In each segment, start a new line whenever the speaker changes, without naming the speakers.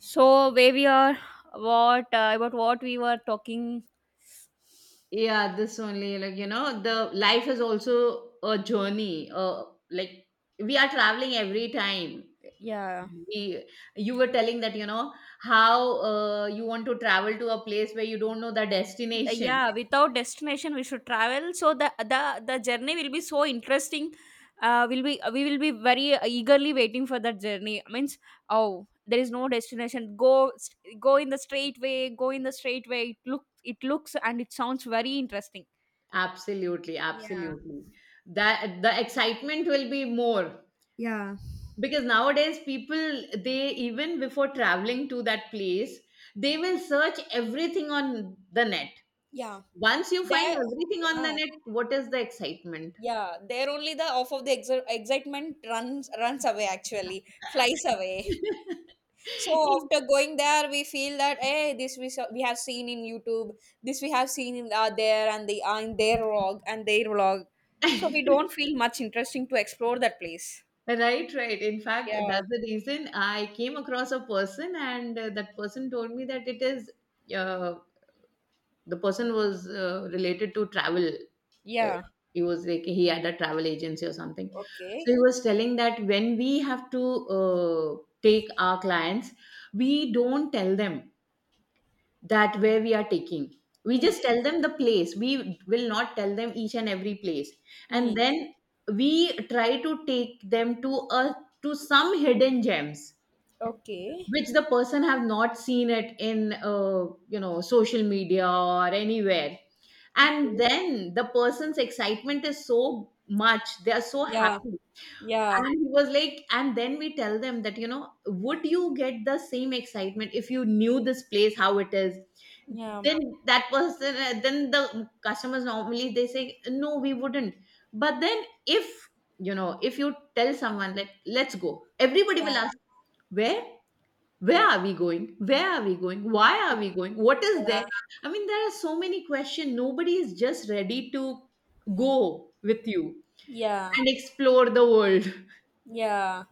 So where we are, what about what we were talking?
Yeah, this only like the life is also a journey like we are traveling every time
Yeah.
we, you were telling that how you want to travel to a place where you don't know the destination.
Yeah, without destination, we should travel. So the journey will be so interesting. Will be We will be very eagerly waiting for that journey. Means oh, there is no destination. Go in the straight way. Go in the straight way. It looks and it sounds very interesting.
Absolutely,
Yeah.
absolutely. That the excitement will be more
Yeah.
because nowadays people, they even before traveling to that place, they will search everything on the net.
Yeah.
Once you find
There.
everything on the net, what is the excitement?
Yeah, there only the off of the exi- excitement runs away actually, flies away. So after going there, we feel that hey, this we saw, we have seen in YouTube, this we have seen in there and the in their vlog and their vlog. So we don't feel much interesting to explore that place.
Right, right. In fact,
Yeah,
that's the reason I came across a person, and that person told me that it is uh, the person was related to travel. Uh,
yeah,
he was like, he had a travel agency or something. So
okay.
he was telling that when we have to take our clients, we don't tell them that where we are taking. We just
Mm-hmm.
tell them the place. We will not tell them each and every place, and
Mm-hmm.
then we try to take them to a to some hidden gems
Okay.
which the person have not seen it in social media or anywhere, and then the person's excitement is so much, they are so
Yeah,
happy.
yeah,
And he was like, and then we tell them that, would you get the same excitement if you knew this place, how it is?
yeah,
Then the customers normally they say, no, we wouldn't. But then if you tell someone, like, let's go, everybody
yeah,
will ask, where? Where are we going? Where are we going? Why are we going? What is there?
yeah,
I mean, there are so many questions. Nobody is just ready to go with you
yeah,
and explore the world.
yeah.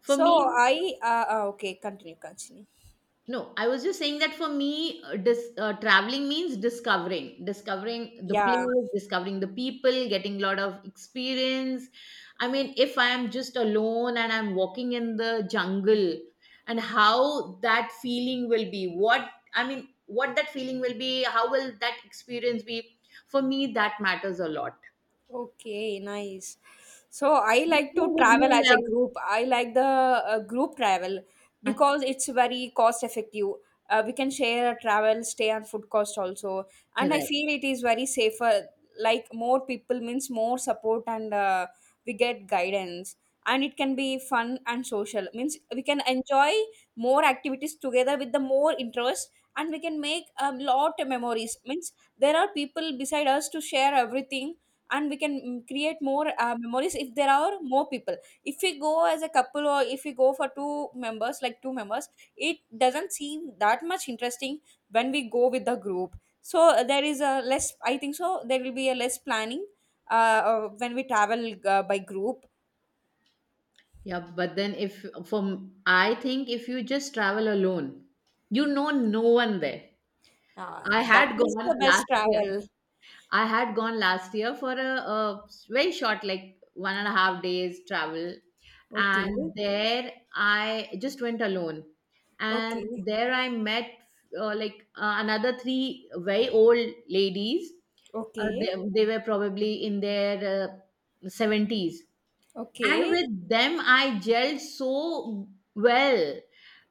For
So
me,
I Okay, continue, continue.
No, I was just saying that for me, traveling means discovering, discovering the
Yeah.
place, discovering the people, getting a lot of experience. I mean, if I am just alone and I'm walking in the jungle, and how that feeling will be, what I mean, what that feeling will be, how will that experience be? For me, that matters a lot.
Okay, nice. So I
Which
like to
one would
travel
you
as a
love?
group. I like the group travel
Ah.
because it's very cost effective. We can share travel, stay, and food cost also. And I
Correct.
feel it is very safer. Like more people means more support and we get guidance, and it can be fun and social, means we can enjoy more activities together with the more interest, and we can make a lot of memories, means there are people beside us to share everything, and we can create more memories if there are more people. If we go as a couple, or if we go for two members, like two members, it doesn't seem that much interesting. When we go with the group, so there is a less, I think so there will be a less planning when we travel by group.
Yeah, but then if from I think if you just travel alone, you know no one there.
Uh,
I
that
had
is
gone
the best
last year.
travel.
I had gone last year for a very short, like 1.5 days travel,
Okay.
and there I just went alone, and
Okay.
there I met like another 3 very old ladies. Uh,
Okay.
they, they were probably in their 70s, and
Okay.
with them I gelled so well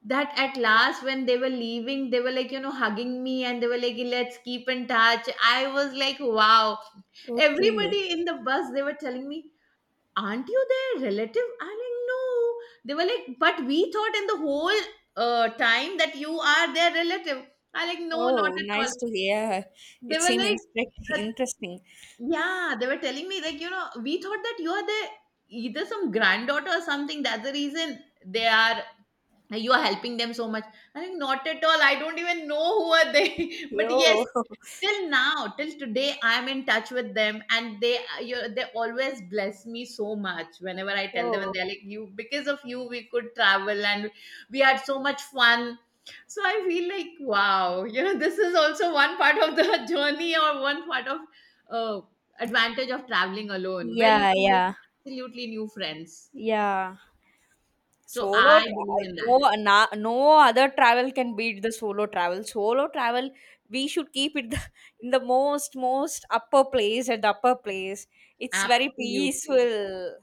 that at last when they were leaving, they were like, hugging me, and they were like, let's keep in touch. I was like, wow.
Okay.
Everybody in the bus, they were telling me, aren't you their relative? I'm like, no. They were like, but we thought in the whole time that you are their relative. I like, no, not
Oh,
at all.
nice to hear.
They were like uh,
Interesting.
yeah, they were telling me like, we thought that you are the, either some granddaughter or something. That's the reason they are you are helping them so much. I think not at all. I don't even know who are they. But
Yo.
yes, till today I'm in touch with them, and they always bless me so much whenever I tell them, and
Oh.
they're like, you because of you we could travel and we had so much fun. So I feel like, wow, this is also one part of the journey, or one part of uh, advantage of traveling alone where you
Yeah,
can make
yeah,
absolutely new friends.
yeah.
So
Solo
I believe
travel,
in that.
no, no other travel can beat the solo travel. Solo travel, we should keep in the most, most upper place, at the upper place. It's very
Absolutely.
peaceful.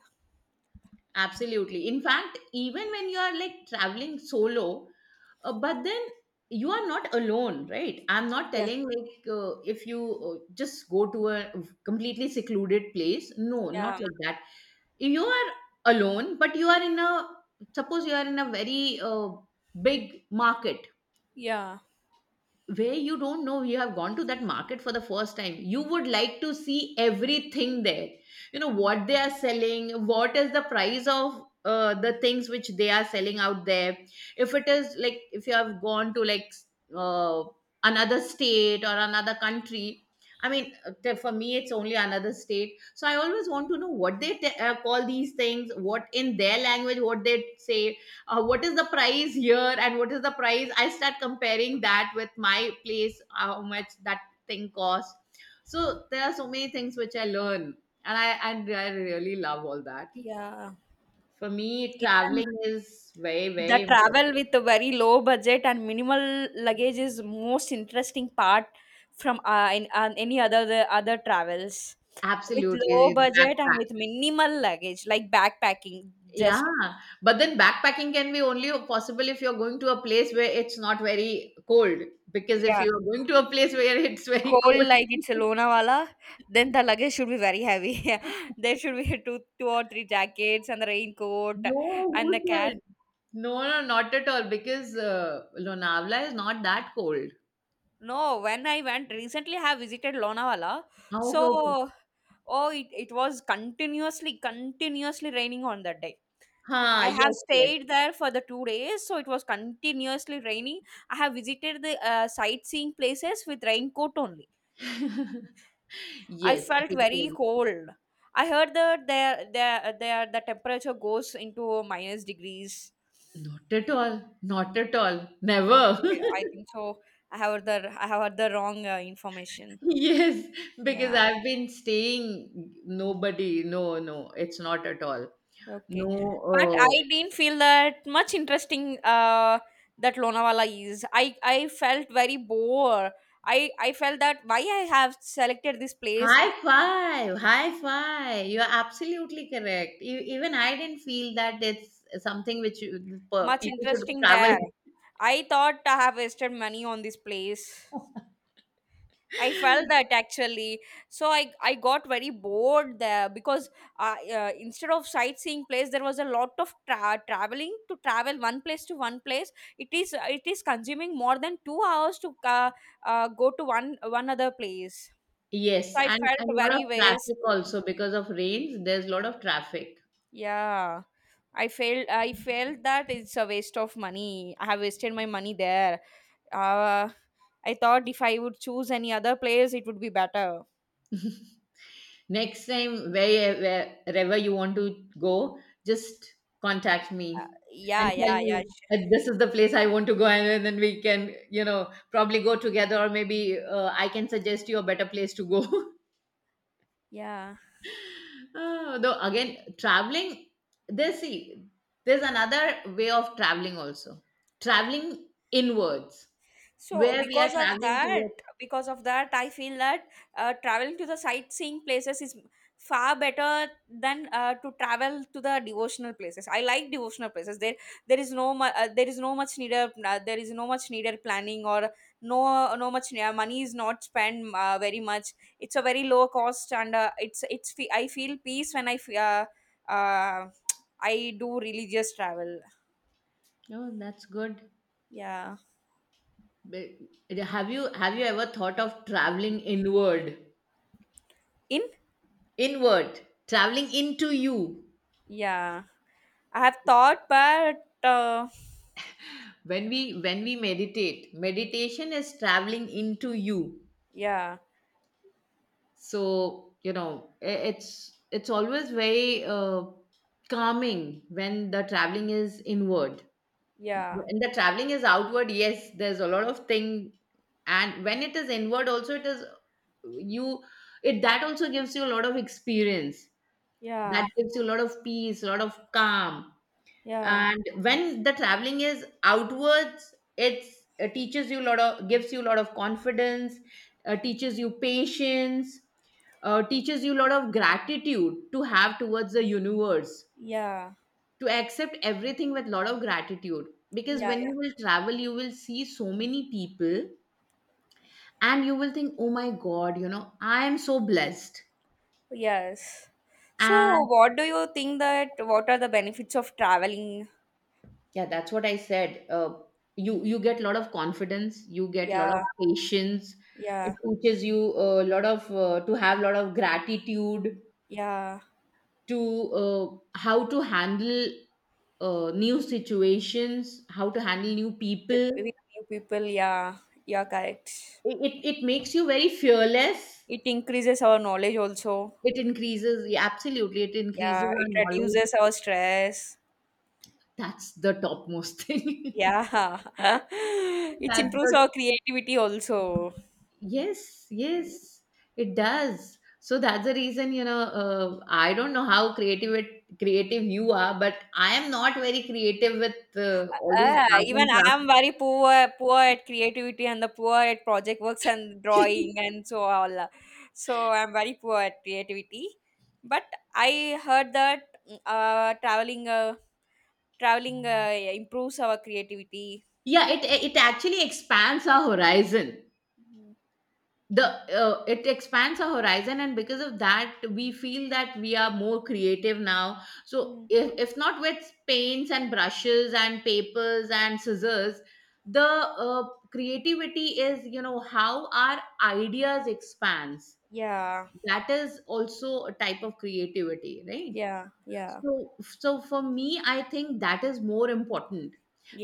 Absolutely. In fact, even when you are like traveling solo, but then you are not alone, right? I'm not
Yeah,
telling like, if you just go to a completely secluded place. No, not
yeah,
like that. You are alone, but you are in a suppose you are in a very big market
yeah,
where you don't know, you have gone to that market for the first time, you would like to see everything there. You know what they are selling, what is the price of the things which they are selling out there. If it is like, if you have gone to like uh, another state or another country. I mean for me it's only another state, so I always want to know what they call these things, what in their language what they say. What is the price here, and what is the price? I start comparing that with my place, how much that thing costs. So there are so many things which I learn, and I really love all that.
yeah.
For me,
Even
traveling is very,
the
very important.
travel with a very low budget and minimal luggage is most interesting part from any other the other travels, with
Absolutely.
low
It's
budget and
backpack,
with minimal luggage, like backpacking
yeah.
just.
But then backpacking can be only possible if you're going to a place where it's not very cold, because if
Yeah,
you're going to a place where it's very
cold, like it's a
cold.
Lonavala, then the luggage should be very heavy. There should be two, two or three jackets and the raincoat
No. Who
and the
said?
cap.
No, no, not at all, because Lonavala is not that cold.
No, when I went recently, I have visited Lonavala.
Ah. Okay, okay.
So, oh, it was continuously, continuously raining on that day.
Huh,
I have
yes,
stayed there for the 2 days, so it was continuously raining. I have visited the sightseeing places with raincoat only.
yes.
I
Yes,
felt very
because
cold. I heard that there, the temperature goes into minus degrees.
not at all, not at all, never.
Okay, I think so. I have the wrong information.
Yes, because
Yeah,
I've been staying, nobody, no, no, it's not at all.
okay. But I
No,
didn't feel that much interesting. That Lonavala is. I felt very bored. I felt that why I have selected this place,
high five, high five. You're absolutely correct. Even I didn't feel that it's something which
much
people should
interesting
travel.
there. I thought I have wasted money on this place. I felt that actually. So I got very bored there because instead of sightseeing place, there was a lot of traveling to travel one place to one place. It is consuming more than 2 hours to go to one other place. So
Yes,
I
and a
felt
lot of
very
traffic
wasteful.
also because of rains. There's a lot of traffic.
Yeah. I felt that it's a waste of money. I have wasted my money there. Uh, I thought if I would choose any other place, it would be better.
Next time, wherever you want to go, just contact
Uh,
me and
yeah,
tell
yeah,
me,
yeah.
This is the place I want to go, and then we can, probably go together, or maybe I can suggest you a better place to go."
Yeah.
Though again, traveling, there's see, there's another way of traveling also. Traveling inwards,
So
where we are traveling towards.
because of that, I feel that traveling to the sightseeing places is far better than to travel to the devotional places. I like devotional places. There is there is no much needed. There is no much needed planning or no, no much money is not spent very much. It's a very low cost, and it's. I feel peace when uh, I do religious travel.
Oh, that's good.
Yeah.
But have you ever thought of traveling inward?
In.
Inward, traveling into you.
Yeah, I have thought, but
When we meditate, meditation is traveling into you.
yeah,
So it's always very calming when the traveling is inward.
yeah,
When the traveling is outward, yes, there's a lot of thing, and when it is inward, also it is you. It that also gives you a lot of experience, that
yeah,
gives you a lot of peace, a lot of calm.
yeah,
And when the traveling is outwards, it teaches you a lot of, gives you a lot of confidence. Teaches you patience. Teaches you a lot of gratitude to have towards the universe,
yeah,
to accept everything with a lot of gratitude. Because
yeah,
when you
yeah,
will travel you will see so many people, and you will think, oh my god, I am so blessed.
yes. So,
And
what do you think, that what are the benefits of traveling?
Yeah, that's what I said. You get a lot of confidence. You get a lot of
Yeah,
patience. It
yeah,
teaches you a lot of, to have a lot of gratitude,
yeah.
to how to handle new situations, how to handle new people.
With new people, yeah, yeah, correct.
It makes you very fearless.
It increases our knowledge also.
It increases, yeah, absolutely. It increases
Yeah,
our
it
knowledge.
reduces our stress.
That's the topmost thing.
Yeah, it
That's
improves
the
our creativity also.
Yes, yes, it does. So that's the reason, I don't know how creative you are, but I am not very creative with all these art
Even
and
I
craft.
am very poor, poor at creativity, and the poor at project works and drawing and so all. So I'm very poor at creativity. But I heard that traveling, improves our creativity.
Yeah, it actually expands our horizon.
Mm.
The It expands our horizon, and because of that we feel that we are more creative now. So
Mm.
if not with paints and brushes and papers and scissors, the creativity is, how our ideas expands.
Yeah,
That is also a type of creativity, right?
yeah, yeah,
So, so for me, I think that is more important,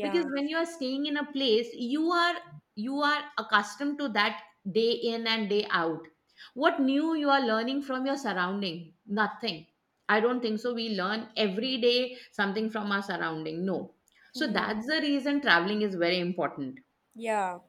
because when you are staying in a place, you are accustomed to that day in and day out. What new you are learning from your surrounding? Nothing. I don't think so. We learn every day something from our surrounding. No. So
Hmm.
that's the reason traveling is very important.
Yeah.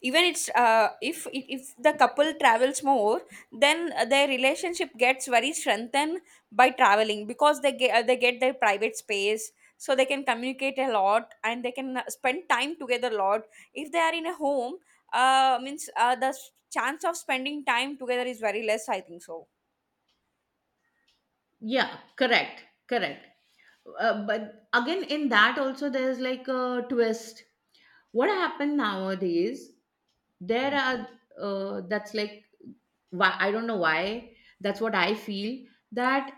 Even it's uh, if the couple travels more, then their relationship gets very strengthened by traveling because they get their private space, so they can communicate a lot, and they can spend time together a lot. If they are in a home, means the chance of spending time together is very less. I think so.
Yeah, correct, correct. But again, in that also, there's like a twist. What happened nowadays, there are that's like, why, I don't know why, that's what I feel, that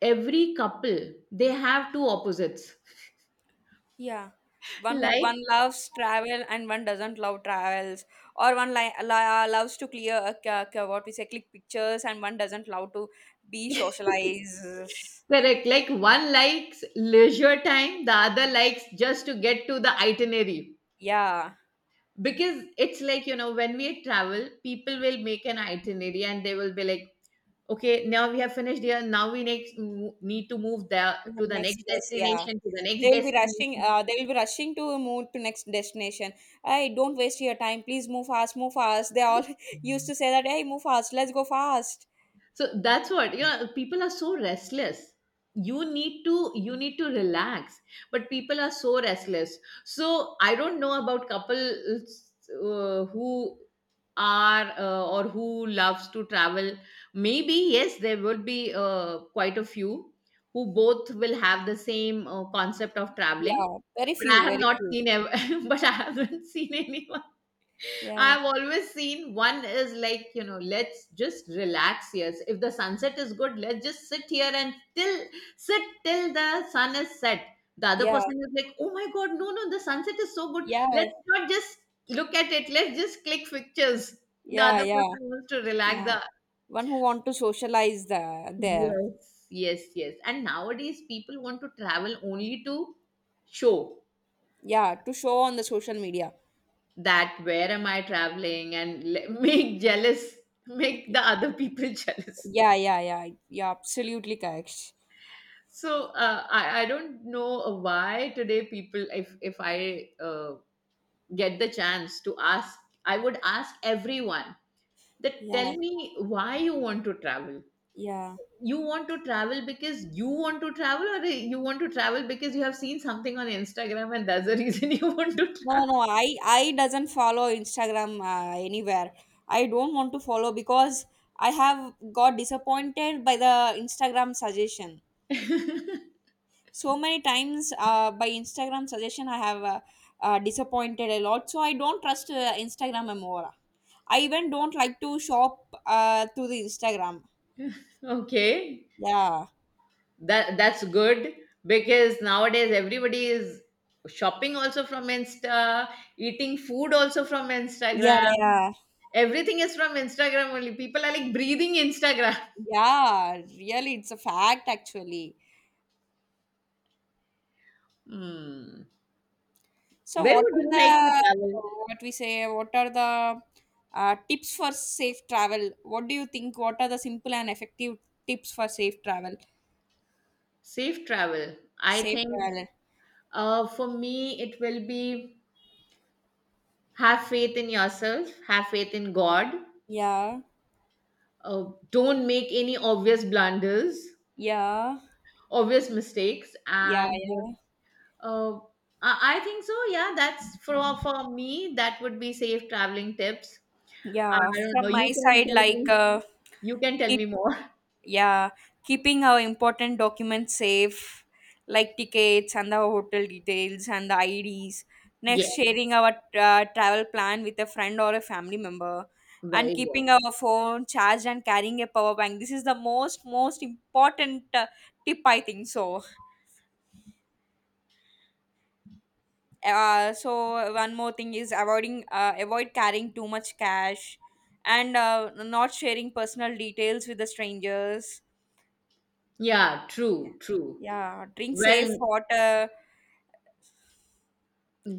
every couple, they have two opposites.
Yeah. One who
Like.
one loves travel and one doesn't love travels, or one loves to clear what we say, click pictures, and one doesn't love to be socialized.
Correct. Like, one likes leisure time, the other likes just to get to the itinerary,
Yeah.
because it's like, when we travel people will make an itinerary, and they will be like, okay, now we have finished here. Now we need to move the
The
to the
next
next
place. Yeah.
destination, to the next
They will be rushing.
destination.
They will be rushing to move to next destination. Hey, don't waste your time. Please move fast. Move fast. They all used to say that. Hey, move fast. Let's go fast.
So that's what, you know, people are so restless. You need to relax, but people are so restless. So I don't know about couples who are or who loves to travel. Maybe, yes, there would be quite a few who both will have the same concept of traveling,
Yeah. Very
but I
few.
have
Very
not
few.
seen ever, but I haven't seen anyone.
Yeah.
I've always seen one is like, you know, let's just relax here. So, if the sunset is good, let's just sit here and till sit till the sun is set. The other
Yeah.
person is like, oh my god, no, no, the sunset is so good.
Yeah.
Let's not just look at it. Let's just click pictures. The
Yeah.
other
Yeah.
person wants to relax.
Yeah.
The
One who want to socialize the, there.
yes, yes, yes. And nowadays people want to travel only to show
Yeah, to show on the social media.
that where am I traveling and make jealous, make the other people jealous.
Yeah, yeah, yeah. Yeah, absolutely correct.
So I don't know why today people if I get the chance to ask, I would ask everyone that tell
Yeah,
me why you want to travel.
yeah.
You want to travel because you want to travel, or you want to travel because you have seen something on Instagram and that's the reason you want to
No, no, I doesn't follow Instagram anywhere. I don't want to follow because I have got disappointed by the Instagram suggestion.
travel.
So many times by Instagram suggestion I have disappointed a lot, so I don't trust Instagram anymore. I even don't like to shop through the Instagram.
Okay,
Yeah.
that's good because nowadays everybody is shopping also from Insta, eating food also from
Yeah.
Instagram.
Yeah.
Everything is from Instagram only. People are like breathing Instagram.
Yeah, really, it's a fact actually.
Hmm.
So
Where
what
would
are
you like to
the,
travel?
what we say, what are the tips for safe travel? What do you think, what are the simple and effective tips for safe travel?
Safe travel. I
Safe
think
travel.
for me, it will be have faith in yourself, have faith in God.
Yeah.
Don't make any obvious blunders,
Yeah.
obvious mistakes.
Yeah.
And
Yeah.
uh, I I think so. Yeah, that's for me. That would be safe traveling tips. I
Yeah,
don't know.
from my
You can
side,
tell
like,
me. You can tell
keep
me more.
yeah, keeping our important documents safe, like tickets and the hotel details and the IDs.
Yeah,
Next, sharing our travel plan with a friend or a family member,
very
and
good.
keeping our phone charged, and carrying a power bank. This is the most most important tip, I think so. So one more thing is avoid carrying too much cash, and not sharing personal details with the strangers.
Yeah,
Yeah,
true, true.
yeah, drink
Well,
safe water.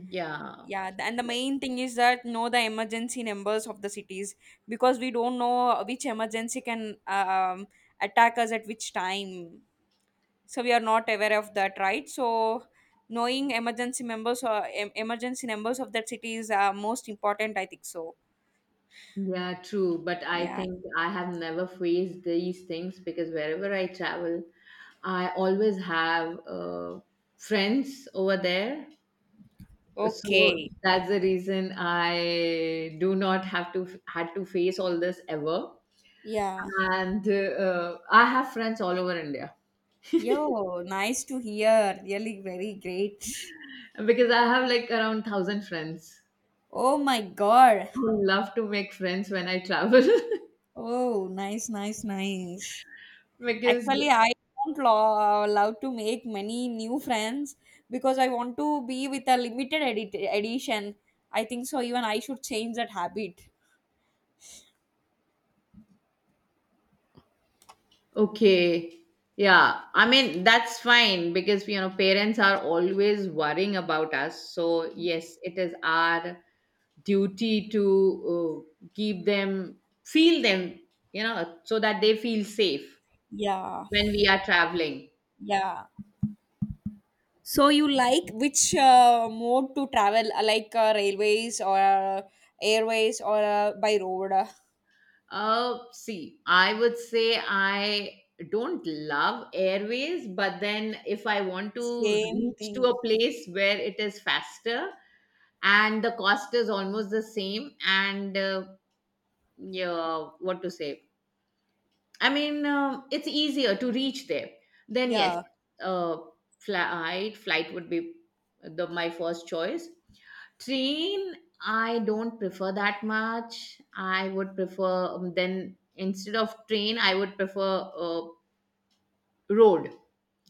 yeah,
Yeah, and the main thing is that know the emergency numbers of the cities, because we don't know which emergency can attack us at which time, so we are not aware of that, right? So knowing emergency members or em- emergency numbers of that city is most important, I think so.
yeah, true. But I
Yeah.
think I have never faced these things because wherever I travel, I always have friends over there. So
Okay.
that's the reason I do not have to had to face all this ever.
Yeah.
And I have friends all over India
Yo, nice to hear. Really very great.
because I have like around thousand friends
Oh my god.
who love to make friends when I travel.
Oh, nice, nice, nice.
Because
Actually, I don't love to make many new friends because I want to be with a edition. I think so. Even I should change that habit.
okay. Yeah, I mean, that's fine because, you know, parents are always worrying about us. So, yes, it is our duty to keep them, feel them, you know, so that they feel safe
Yeah.
when we are traveling.
Yeah. So you like which mode to travel, like railways, or airways, or by road?
See, I would say I don't love airways, but then if I want to
Same
reach to
thing.
a place where it is faster, and the cost is almost the same and yeah, what to say, I mean, it's easier to reach there, then yes,
Yeah.
uh flight would be the my first choice. Train, I don't prefer that much. I would prefer, then instead of train I would prefer road.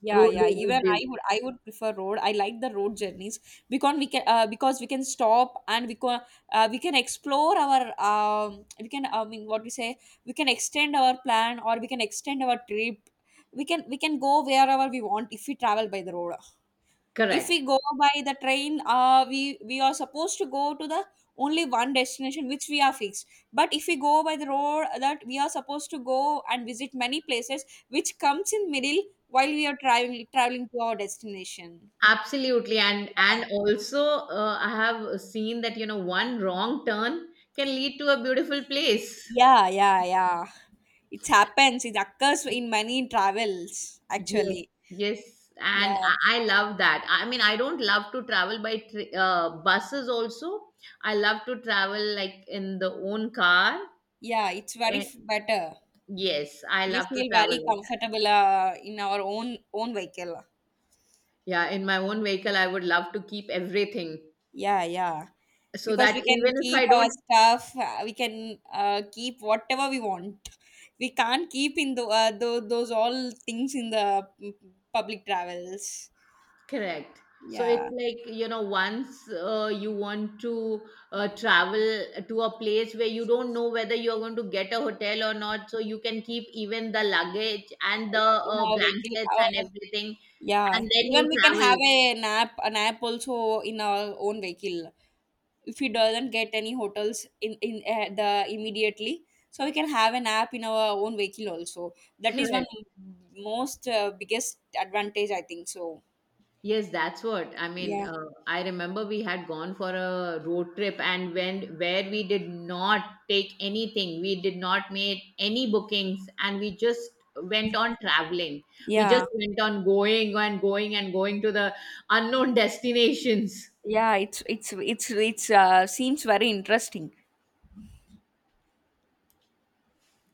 Yeah,
Road
yeah.
would
Even
be
I would, I would prefer road. I like the road journeys because we can stop, and we can explore our, we can, I mean, what we say, we can extend our plan, or we can extend our trip. We can go wherever we want if we travel by the road. If
correct.
we go by the train, we are supposed to go to the only one destination which we are fixed. But if we go by the road, that we are supposed to go and visit many places, which comes in middle while we are traveling to our destination.
Absolutely. and
Yeah,
and also I have seen that, you know, one wrong turn can lead to a beautiful place.
yeah, yeah. Yeah. It happens. It occurs in many travels
Yes,
actually.
yes,
Yeah,
and I love that. I mean, I don't love to travel by buses also. I love to travel like in the own car.
yeah. It's very
Eh,
better.
yes, I
We
love to
feel
travel
very
like that.
comfortable in our own vehicle.
Yeah, in my own vehicle, I would love to keep everything
Yeah, yeah.
so
Because
that
we
even
can
if
keep
I
our
don't.
stuff, we can keep whatever we want. We can't keep in the, those all things in the public travels.
Correct. So it's
Yeah.
like, you know, once you want to travel to a place where you don't know whether you're going to get a hotel or not, so you can keep even the luggage and the
In our vehicle.
blankets and
Our,
everything, and
yeah.
then
Even
you
we can
travel.
have a nap also in our own vehicle. If we doesn't get any hotels in the immediately, so we can have a nap in our own vehicle also. That is one
Correct.
most biggest advantage, I think so.
Yes, that's what. I mean,
Yeah.
I remember we had gone for a road trip and when where we did not take anything, we did not make any bookings and we just went on traveling. We just
Yeah.
went on going and going and going to the unknown destinations.
Yeah. It's seems very interesting.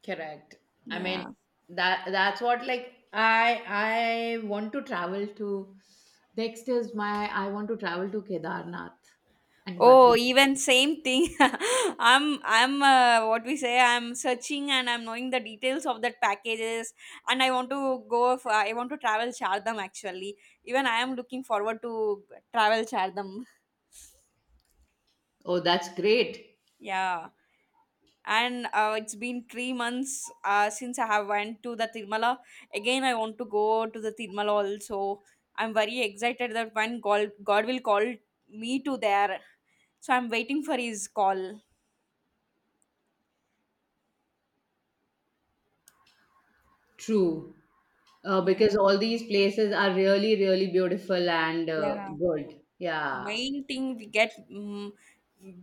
Correct. I mean,
Yeah.
that's what. Like I want to travel to next is my I want to travel to Kedarnath and
Oh,
Badri.
even same thing. I'm what we say. I'm searching and I'm knowing the details of that packages, and I want to go. For, I want to travel Shardam actually. Even I am looking forward to travel Shardam.
Oh, that's great.
Yeah. And it's been 3 months since I have went to the Tirumala. Again, I want to go to the Tirumala also. I'm very excited that when God will call me to there. So I'm waiting for his call.
True.
Yeah,
Because all these places are really, really beautiful and
yeah.
good. Yeah.
Main thing we get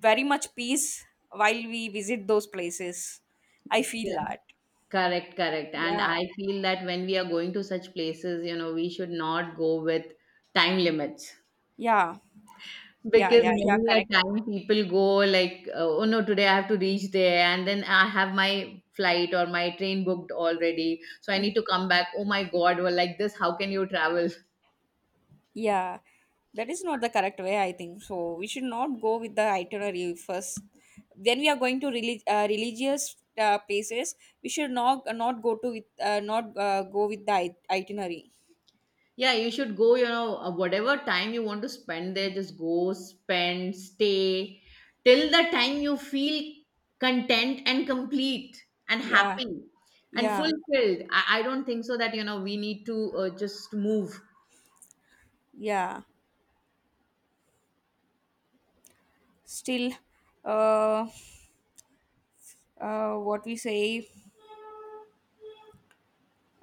very much peace while we visit those places. I feel
Yeah.
that.
Correct, correct. And
Yeah,
I feel that when we are going to such places, you know, we should not go with time limits.
yeah, yeah,
Because
yeah, yeah.
many a
Correct.
time people go like, oh no, today I have to reach there, and then I have my flight or my train booked already, so I need to come back. Oh my God, well, like this, how can you travel?
Yeah, that is not the correct way, I think. So we should not go with the itinerary first. When we are going to religious places, we should not not go to with not go with the itinerary.
Yeah, you should go, you know, whatever time you want to spend there, just go, spend, stay till the time you feel content and complete and
Yeah,
happy and
yeah,
fulfilled. I don't think so that, you know, we need to just move.
yeah. Still, uh, what we say,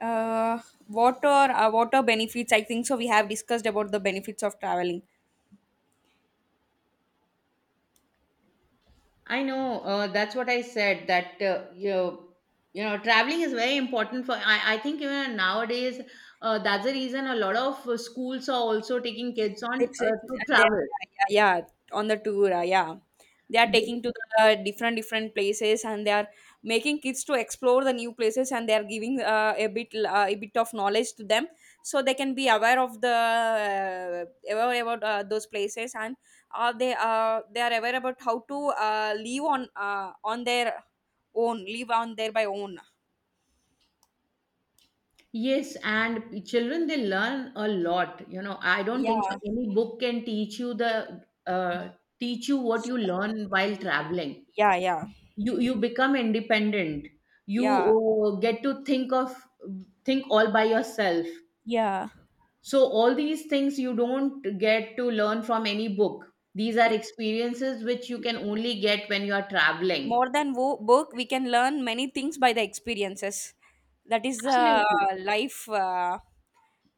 uh, water water benefits. I think so. We have discussed about the benefits of traveling.
I know, that's what I said that, you know, traveling is very important for, I think even nowadays, that's the reason a lot of schools are also taking kids on
It's it,
to
uh, they-
travel.
yeah, yeah, yeah, on the tour, yeah. They are taking to the different different places, and they are making kids to explore the new places, and they are giving a bit of knowledge to them, so they can be aware of the aware about those places, and they are aware about how to live on their own, live on their by own.
Yes, and children they learn a lot. You know, I don't think so.
Yeah,
Any book can teach you the teach you what
So,
you learn while traveling.
yeah, yeah,
You become independent. You
yeah,
get to think of think all by yourself.
yeah.
So all these things you don't get to learn from any book. These are experiences which you can only get when you are traveling.
More than book, we can learn many things by the experiences. That is the
Absolutely,
life uh,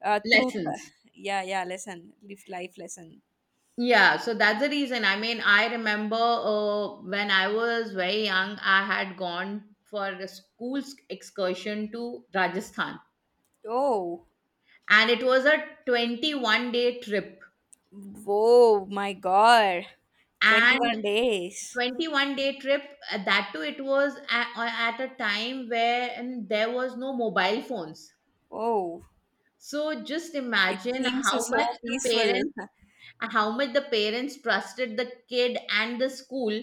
uh, truth.
lessons.
Yeah, yeah, lesson. Live life lesson.
Yeah, so that's the reason. I mean, I remember when I was very young, I had gone for a school excursion to Rajasthan,
Oh,
and it was a 21-day trip.
whoa, my God.
And
21 days.
21-day trip, that too, it was at a time where and there was no mobile phones.
Oh,
So just
it
imagine
seems
how much
so
the
peaceful.
parents, how much the parents trusted the kid and the school,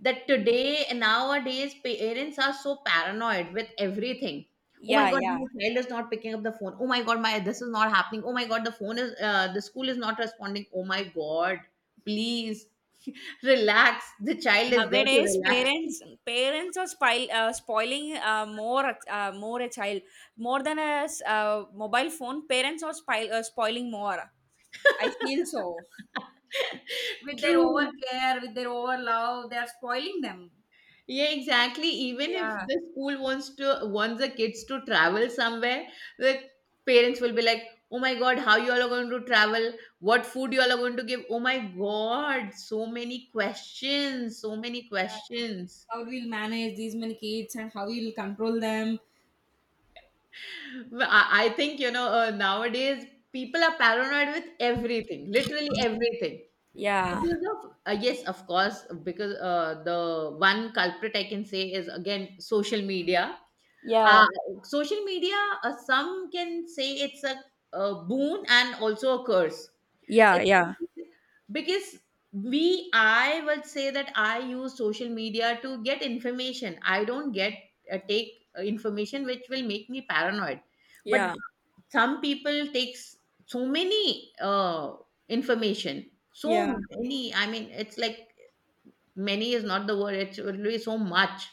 that today nowadays parents are so paranoid with everything. Oh my
Yeah,
god,
yeah.
my child is not picking up the phone. Oh my god, my this is not happening. Oh my god, the phone is the school is not responding. Oh my god, please relax, the child is there to
Nowadays,
relax.
parents are spoiling more a child more than a mobile phone. Parents are spoiling more. I feel so with their over
True.
care, with their over love. They are spoiling them.
Yeah, exactly. Even if
Yeah,
the school wants to wants the kids to travel somewhere, the parents will be like, "Oh my God, how you all are going to travel? What food you all are going to give? Oh my God, so many questions, so many
yeah.
questions."
How we'll manage these many kids and how we'll control them.
Well, I think, you know, nowadays people are paranoid with everything, literally everything.
Yeah,
Because of yes, of course, because the one culprit I can say is again social media, uh,
yeah,
social media, some can say it's a boon and also a curse,
yeah,
it,
yeah,
because we I would say that I use social media to get information. I don't get take information which will make me paranoid. But
yeah,
some people takes so many information, so
yeah,
many, I mean, it's like, many is not the word, it will be so much,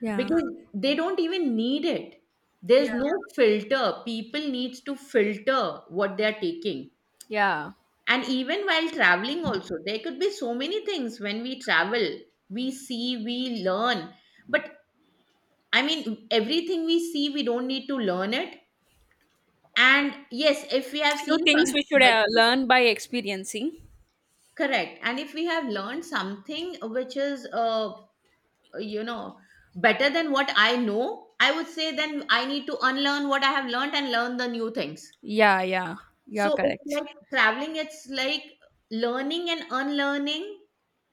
yeah,
because they don't even need it. There's
yeah,
no filter. People needs to filter what they're taking.
yeah.
And even while traveling also there could be so many things. When we travel, we see, we learn, but I mean, everything we see we don't need to learn it. And yes, if we have seen
Few
something
things we should
better,
learn by experiencing.
correct, and if we have learned something which is you know, better than what I know, I would say, then I need to unlearn what I have learned and learn the new things.
Yeah, yeah.
So
You're
it's
correct.
like traveling, it's like learning and unlearning.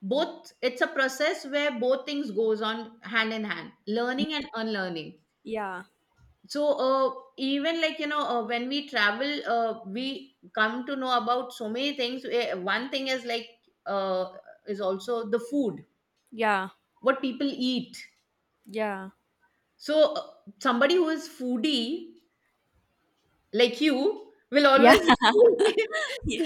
Both, it's a process where both things goes on hand in hand, learning and unlearning.
Yeah.
So even, like, you know, when we travel, we come to know about so many things. Eh, one thing is like uh, is also the food,
Yeah.
what people eat.
Yeah.
So, somebody who is foodie like you will
Yeah.
always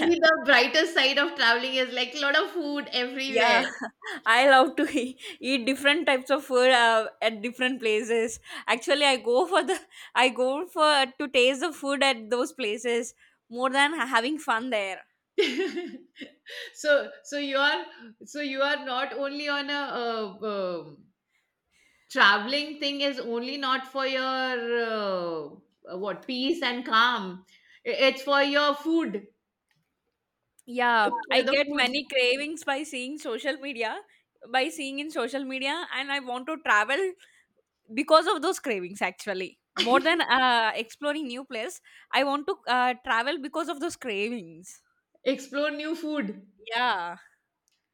yeah.
the brighter side of traveling is like a lot of food everywhere.
Yeah. I love to eat different types of food at different places. Actually, I go for the I go for to taste the food at those places more than having fun there.
So, you are not only on a traveling thing is only not for your what peace and calm. I- It's for your food.
Yeah,
It's for
I
the
get
food.
many cravings by seeing social media, by seeing in social media and I want to travel because of those cravings actually more than exploring new place. I want to travel because of those cravings.
Explore new food.
Yeah.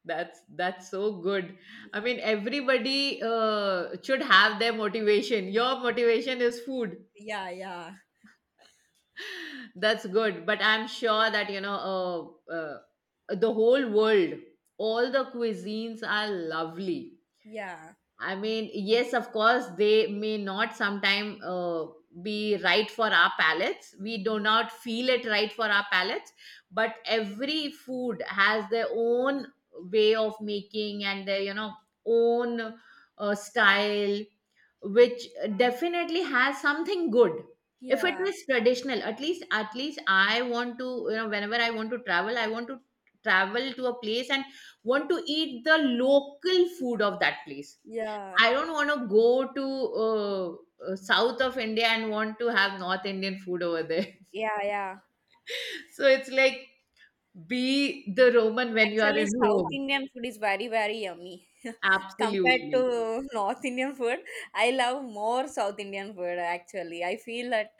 That's so good. I mean, everybody should have their motivation. Your motivation is food.
Yeah, yeah,
That's good. But I'm sure that, you know, uh, uh, the whole world, all the cuisines are lovely.
yeah,
I mean, yes, of course, they may not sometime be right for our palates. We do not feel it right for our palates, but every food has their own way of making and their, you know, own style, which definitely has something good. If it
yeah,
is traditional, at least I want to, you know, whenever I want to travel, I want to travel to a place and want to eat the local food of that place.
yeah,
I don't want to go to south of India and want to have North Indian food over there.
yeah, yeah.
So it's like, be the Roman when you are
Actually,
in
South
Rome.
Indian food is very, very yummy compared
Absolutely.
to North Indian food. I love more South Indian food actually. I feel that